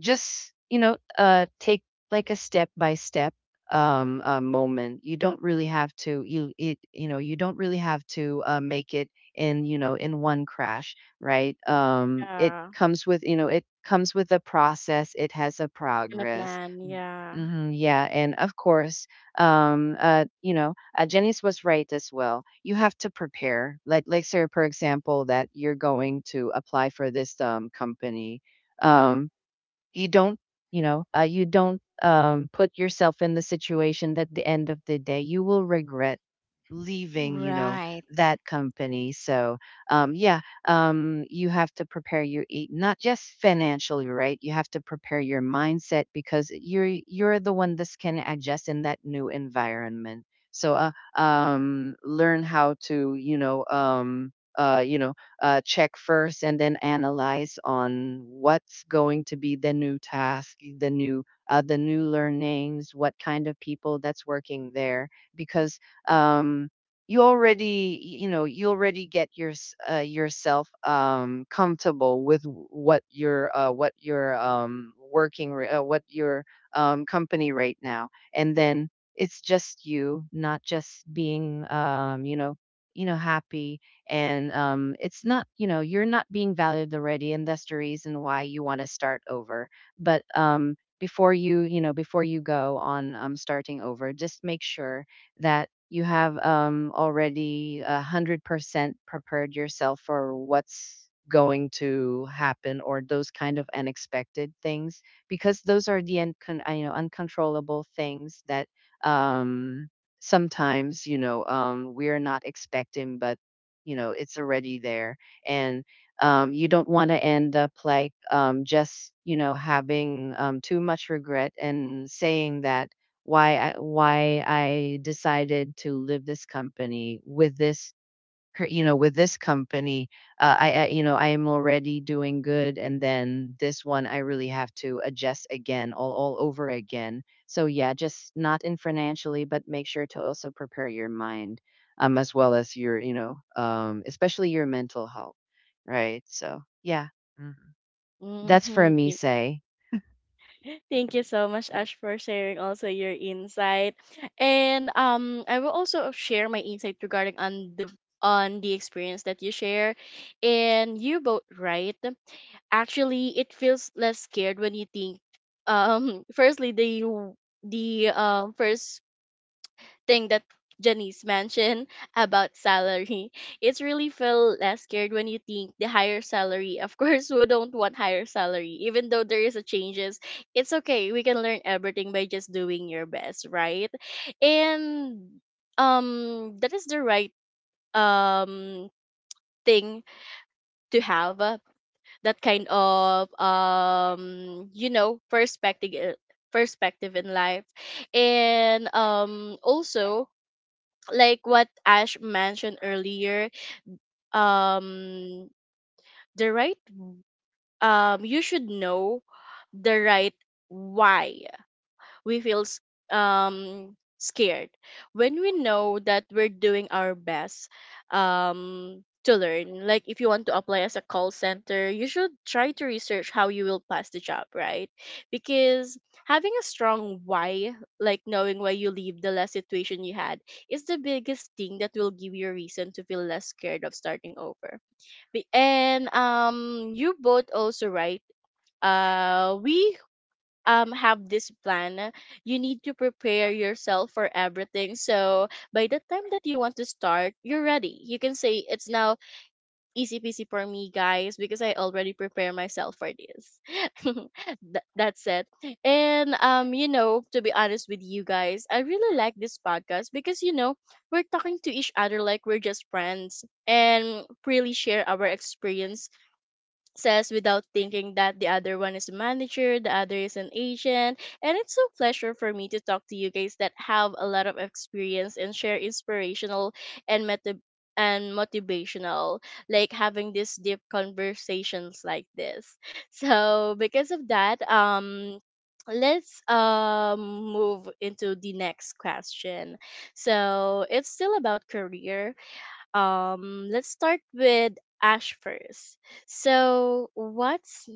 just you know uh take like a step by step um uh, moment. You don't really have to you it you know you don't really have to uh, make it in you know in one crash, right? Um it
Yeah,
comes with, you know it comes with a process. It has a
gonna
progress.
plan. Yeah.
Hmm yeah, and of course, um uh you know uh, Janice was right as well. You have to prepare, like like say, for example, that you're going to apply for this um company. um you don't, you know, uh, you don't um, put yourself in the situation that at the end of the day you will regret leaving, you know,
Right.
that company. So, um, yeah, um, you have to prepare your e- not just financially, right? You have to prepare your mindset, because you're you're the one that can adjust in that new environment. So, uh, um, learn how to, you know, um, uh, you know, uh, check first and then analyze on what's going to be the new task, the new, uh, the new learnings, what kind of people that's working there, because um, you already, you know you already get your s- uh, yourself um, comfortable with w- what your, uh, what your, um, working, r- uh, what your um, company, right now, and then it's just you, not just being um, you know you know happy, and um, it's not, you know, you're not being valued already, and that's the reason why you want to start over. But um, before you, you know, before you go on um, starting over, just make sure that you have um, already a hundred percent prepared yourself for what's going to happen or those kind of unexpected things, because those are the uncon- uh, you know uncontrollable things that um sometimes, you know um we're not expecting, but you know it's already there. And um, you don't want to end up like um, just, you know having um, too much regret, and saying that why I, why I decided to leave this company with this, her, you know, with this company. uh, I, I, you know, I am already doing good, and then this one, I really have to adjust again, all, all over again. So yeah, just not in financially, but make sure to also prepare your mind, um, as well as your, you know, um, especially your mental health, right? So yeah. Mm. That's for me.
Mm-hmm.
Say,
Thank you so much, Ash, for sharing also your insight. And um, I will also share my insight regarding on the on the experience that you share. And you both right. Actually, it feels less scared when you think. Um, firstly, the w- the um first thing that Janice mentioned about salary. It's really feel less scared when you think the higher salary. Of course, we don't want higher salary, even though there is a changes. It's okay. We can learn everything by just doing your best, right? And um, that is the right um thing to have uh, that kind of um you know perspective perspective in life. And um also, like what Ash mentioned earlier, um, the right, um, you should know the right why we feel s- um scared when we know that we're doing our best um to learn. Like if you want to apply as a call center, you should try to research how you will pass the job, right? Because having a strong why, like knowing why you leave the last situation you had, is the biggest thing that will give you a reason to feel less scared of starting over. Be- and um you both also right. Uh we um have this plan. You need to prepare yourself for everything, so by the time that you want to start, you're ready. You can say it's now easy peasy for me, guys, because I already prepare myself for this. Th- that's it. And um, you know, to be honest with you guys, I really like this podcast because, you know, we're talking to each other like we're just friends and freely share our experiences. Says without thinking that the other one is a manager, the other is an agent, and it's a pleasure for me to talk to you guys that have a lot of experience and share inspirational and meta and motivational, like having these deep conversations like this. So because of that, um let's um move into the next question. So it's still about career. Um let's start with Ash first. So what's—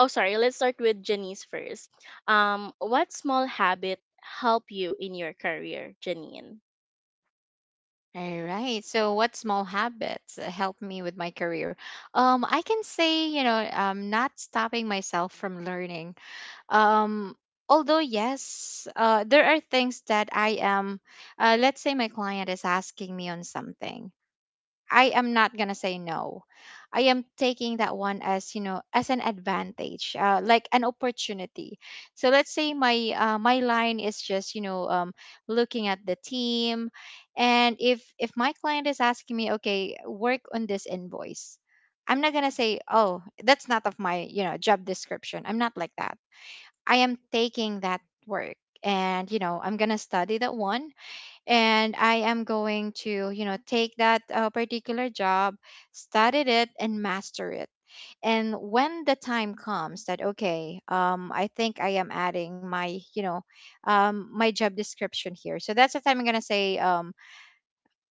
oh sorry, let's start with Janice first. Um, what small habit help you in your career, Janine?
All right. So what small habits uh, help me with my career? Um, I can say, you know, um, not stopping myself from learning. um Although, yes, uh there are things that I am uh let's say my client is asking me on something. I am not gonna say no. I am taking that one as, you know as an advantage, uh, like an opportunity. So let's say my uh, my line is just, you know um looking at the team, and if if my client is asking me, okay, work on this invoice, i'm not gonna say, oh, that's not of my, you know job description. I'm not like that. I am taking that work, and, you know i'm going to study that one, and i am going to you know take that, uh, particular job, study it and master it. And when the time comes that, okay, um, i think i am adding my, you know um, my job description here. So that's the time i'm going to say, um,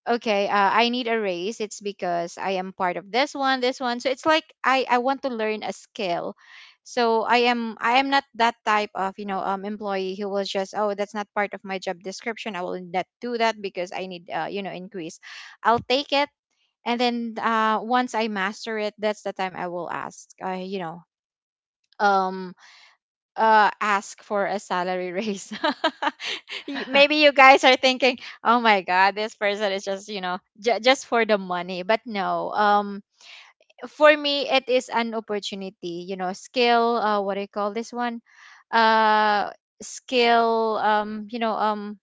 okay, uh, i need a raise. It's because i am part of this one this one, so it's like i i want to learn a skill. So i am i am not that type of, you know um employee who was just, oh, that's not part of my job description, i will not do that, because i need, uh, you know increase. I'll take it, and then uh once i master it, that's the time i will ask uh, you know um uh ask for a salary raise. Y- Maybe you guys are thinking, "Oh my god, this person is just, you know, j- just for the money." But no. Um for me it is an opportunity, you know, skill, uh what do you call this one? Uh skill um you know um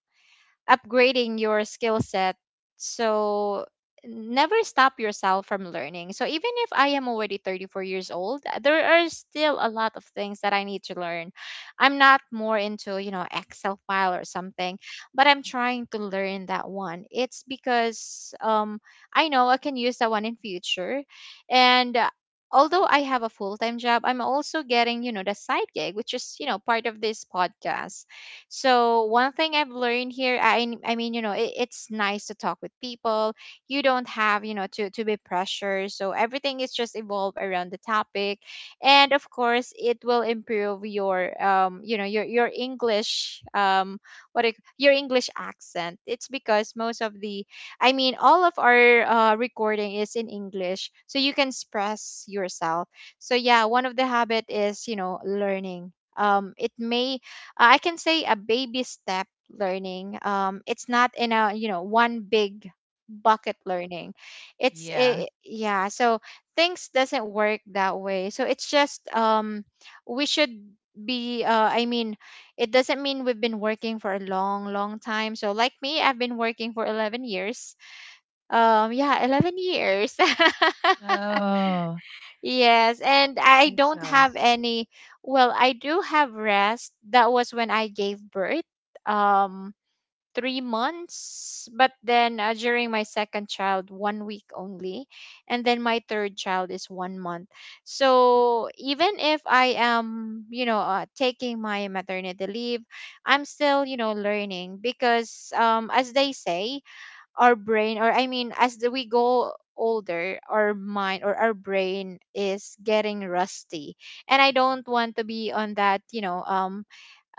Upgrading your skill set. So never stop yourself from learning. So even if I am already thirty-four years old, there are still a lot of things that I need to learn. I'm not more into, you know, Excel file or something, but I'm trying to learn that one. It's because, um I know I can use that one in future. And uh, although I have a full-time job, I'm also getting, you know, the side gig, which is, you know, part of this podcast. So one thing I've learned here, I I mean, you know, it, it's nice to talk with people. You don't have, you know, to to be pressured. So everything is just evolved around the topic, and of course, it will improve your um, you know, your your English, um, what it, your English accent. It's because most of the, I mean, all of our uh, recording is in English, so you can express yourself. So yeah, one of the habit is, you know learning. Um, it may uh, I can say a baby step learning. Um, it's not in a you know one big bucket learning. It's
Yeah.
a, yeah. So things doesn't work that way. So it's just, um, we should be. Uh, I mean, it doesn't mean we've been working for a long, long time. So like me, I've been working for eleven years. Um, yeah, eleven years.
Oh,
Yes, and I
that
don't have
sounds.
any. Well, I do have rest. That was when I gave birth, um, three months. But then uh, during my second child, one week only, and then my third child is one month. So even if I am, you know, uh, taking my maternity leave, I'm still, you know, learning because, um, as they say, our brain, or I mean, as the- we go older, our mind, or our brain is getting rusty. And i don't want to be on that you know um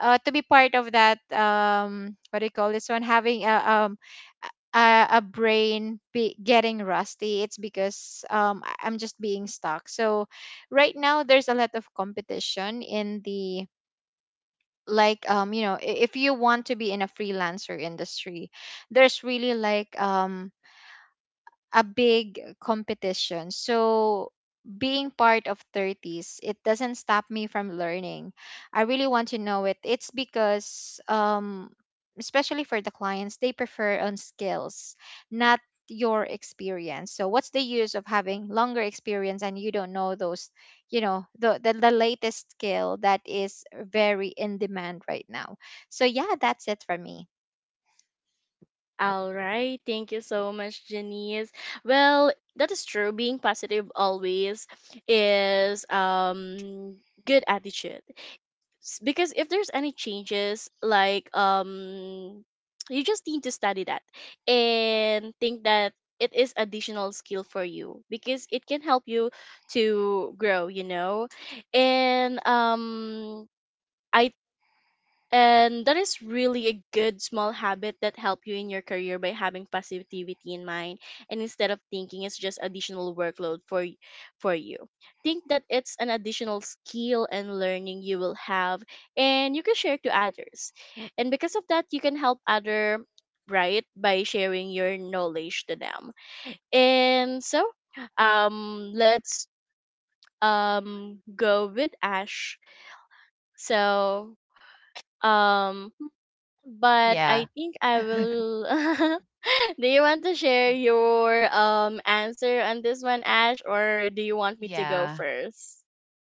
uh, to be part of that, um what do you call this one, having a, um a, a brain be getting rusty. It's because, um I- i'm just being stuck. So right now there's a lot of competition in the like um you know I- if you want to be in a freelancer industry, there's really, like, um a big competition. So being part of thirties, it doesn't stop me from learning. I really want to know it. It's because, um especially for the clients, they prefer on skills, not your experience. So what's the use of having longer experience, and you don't know those, you know, the the, the latest skill that is very in demand right now. So yeah, that's it for me.
All right, thank you so much, Janice. Well, that is true. Being positive always is um good attitude s- because if there's any changes like um you just need to study that, and think that it is additional skill for you because it can help you to grow, you know. And um I and that is really a good small habit that help you in your career by having positivity in mind, and instead of thinking it's just additional workload for y- for you. Think that it's an additional skill and learning you will have, and you can share to others. And because of that, you can help other, right, by sharing your knowledge to them. And so um let's um go with Ash. So um, but
Yeah.
I think I will. Do you want to share your um answer on this one, Ash, or do you want me to go
Yeah.
first?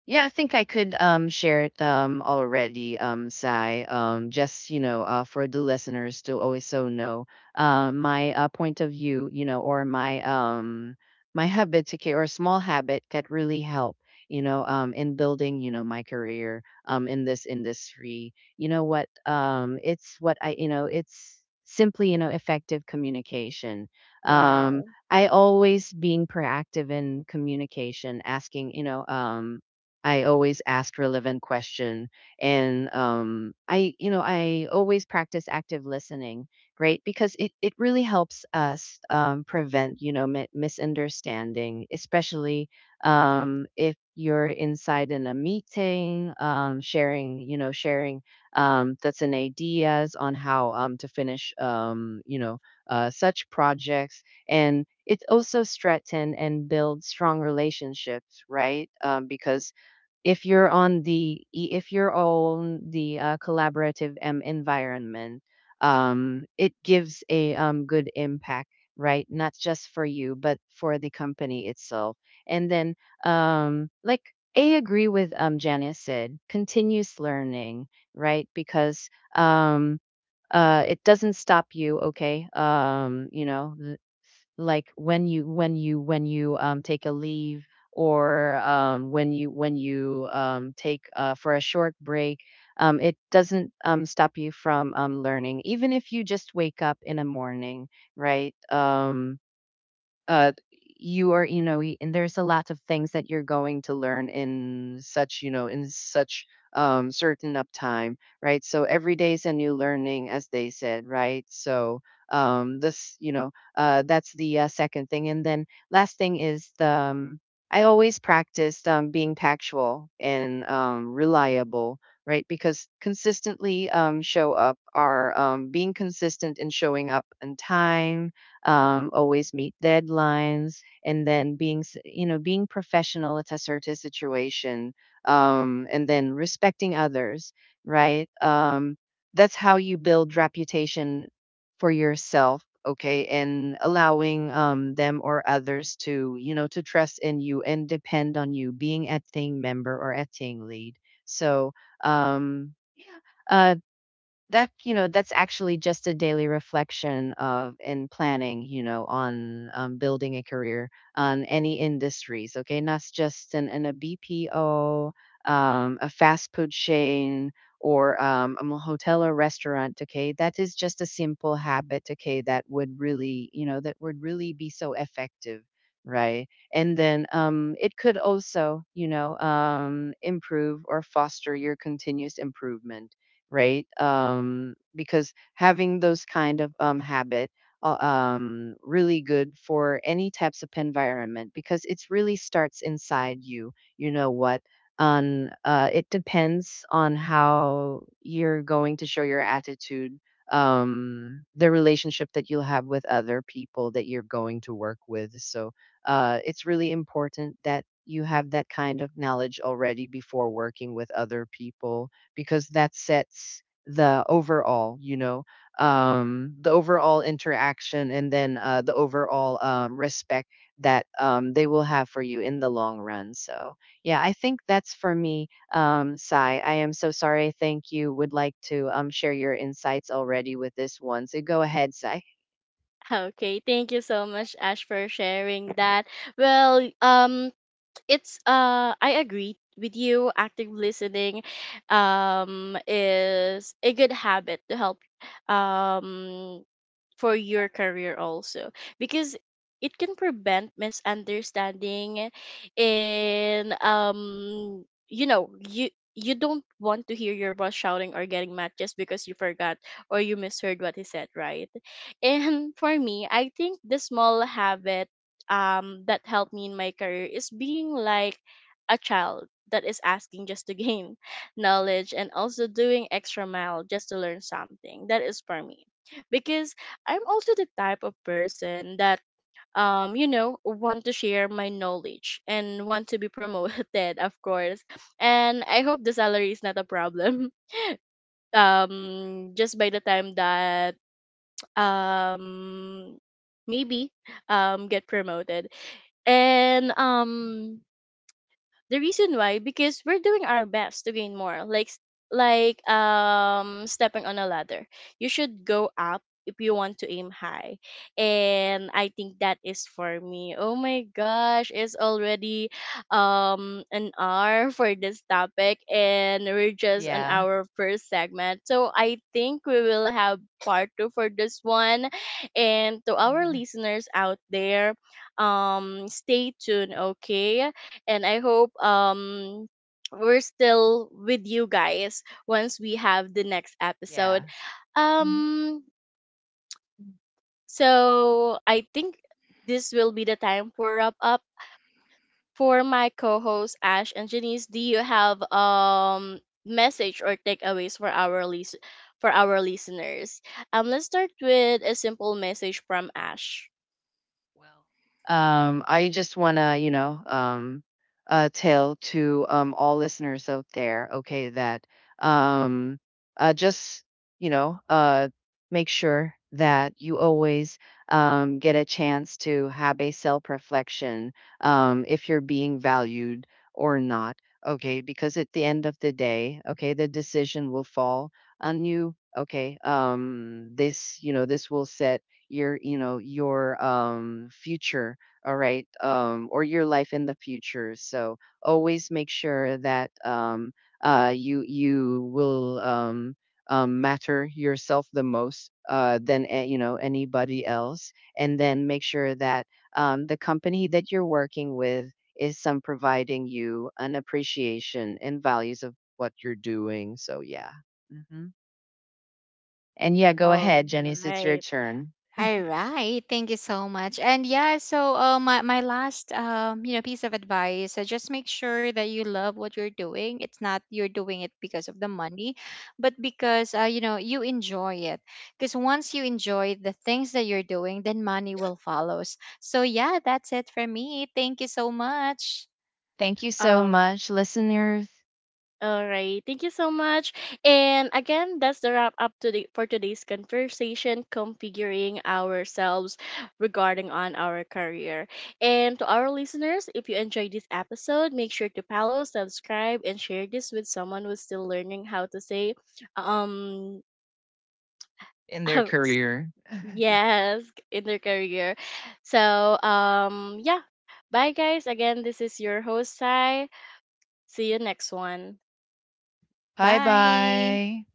Yeah, I think I could um share it um already, um, Sai. Um, just you know, uh, for the listeners to also know, uh, my uh, point of view, you know, or my um my habit to, ca- or small habit that really help, you know, um, in building, you know, my career, um, in this industry. You know what? Um, it's what I, you know, it's simply, you know, effective communication. Um,
Wow.
I always being proactive in communication, asking, you know, um, I always ask relevant question. And um I, you know I always practice active listening, right? Because it it really helps us um prevent, you know mi- misunderstanding, especially um if you're inside in a meeting, um sharing you know sharing um that's an ideas on how um to finish, um you know uh such projects. And it also strengthen and build strong relationships, right? Um because if you're on the e- if you're on the uh, collaborative um, environment, um, it gives a um, good impact, right? Not just for you, but for the company itself. And then, um, like, I agree with, um, Janice said, continuous learning, right? Because um, uh, it doesn't stop you, okay? Um, you know like when you, when you when you um, take a leave, or um, when you when you um, take uh, for a short break. Um, it doesn't um, stop you from um, learning, even if you just wake up in the morning, right? um, uh you are, you know y- and there's a lot of things that you're going to learn in such, you know in such um certain up time, right? So every day is a new learning, as they said, right? So um this you know uh that's the uh, second thing. And then last thing is the, um, I always practiced um being factual and um reliable, right? Because consistently um show up, are um being consistent in showing up on time, um, always meet deadlines, and then being, s- you know, being professional at a certain situation, um, and then respecting others, right? Um, that's how you build reputation for yourself, okay, and allowing um, them or others to, you know, to trust in you and depend on you being a team member or a team lead. So, um, yeah, uh, that, you know that's actually just a daily reflection of and planning, you know on um, building a career on any industries, okay, not just in, in a B P O, um, a fast food chain, or um, a hotel or restaurant. Okay, that is just a simple habit, okay, that would really, you know that would really be so effective, right? And then um, it could also, you know um, improve or foster your continuous improvement, right? Um, because having those kind of um, habit uh, um, really good for any types of environment, because it really starts inside you. You know what? On, uh, it depends on how you're going to show your attitude, um, the relationship that you'll have with other people that you're going to work with. So, uh, it's really important that you have that kind of knowledge already before working with other people, because that sets the overall, you know, um, the overall interaction, and then uh, the overall um, respect that um, they will have for you in the long run. So yeah, I think that's for me, um, Sai. I am so sorry, I think you would like to um, share your insights already with this one. So, go ahead, Sai.
Okay, thank you so much, Ash, for sharing that. Well, um, it's uh, I agree with you. Active listening, um, is a good habit to help, um, for your career also, because it can prevent misunderstanding. And um, you know, you you don't want to hear your boss shouting or getting mad just because you forgot or you misheard what he said, right? And for me, I think the small habit um that helped me in my career is being like a child that is asking just to gain knowledge, and also doing extra mile just to learn something that is for me. Because I'm also the type of person that um, you know, want to share my knowledge and want to be promoted, of course. And I hope the salary is not a problem. Um, just by the time that um maybe um get promoted. And um, the reason why, because we're doing our best to gain more. Like s- like um, stepping on a ladder. You should go up if you want to aim high. And I think that is for me. Oh my gosh, it's already um an hour for this topic and we're just on
Yeah.
our first segment. So I think we will have part two for this one. And to our
Mhm.
listeners out there, um, stay tuned, okay? And I hope um, we're still with you guys once we have the next episode.
Yeah.
Um, so I think this will be the time for wrap up. For my co-hosts Ash and Janice, do you have um message or takeaways for our lis- for our listeners? Um, let's start with a simple message from Ash.
Well, Um, I just want to, you know, um, uh, tell to um, all listeners out there, okay, that um, uh, just, you know, uh, make sure that you always um, get a chance to have a self reflection, um, if you're being valued or not, okay, because at the end of the day, okay, the decision will fall on you. Okay, um, this you know this will set your, you know your um future. All right, um or your life in the future. So always make sure that um uh you you will um um, matter yourself the most, uh, than a- you know anybody else, and then make sure that um, the company that you're working with is some providing you an appreciation and values of what you're doing. So yeah. hmm and yeah, go
All
ahead, Jenny. It's your
right.
turn.
All right, thank you so much. And yeah, so uh, my my last, um you know piece of advice, uh, just make sure that you love what you're doing. It's not you're doing it because of the money, but because, uh, you know you enjoy it. Because once you enjoy the things that you're doing, then money will follow. So yeah, that's it for me. Thank you so much.
Thank you so much, listeners.
All right. Thank you so much. And again, that's the wrap up to the for today's conversation, configuring ourselves regarding on our career. And to our listeners, if you enjoyed this episode, make sure to follow, subscribe, and share this with someone who's still learning how to say um
In their career.
yes in their career. So um, yeah. Bye guys. Again, this is your host Sai. See you next one.
Bye
Bye.
bye.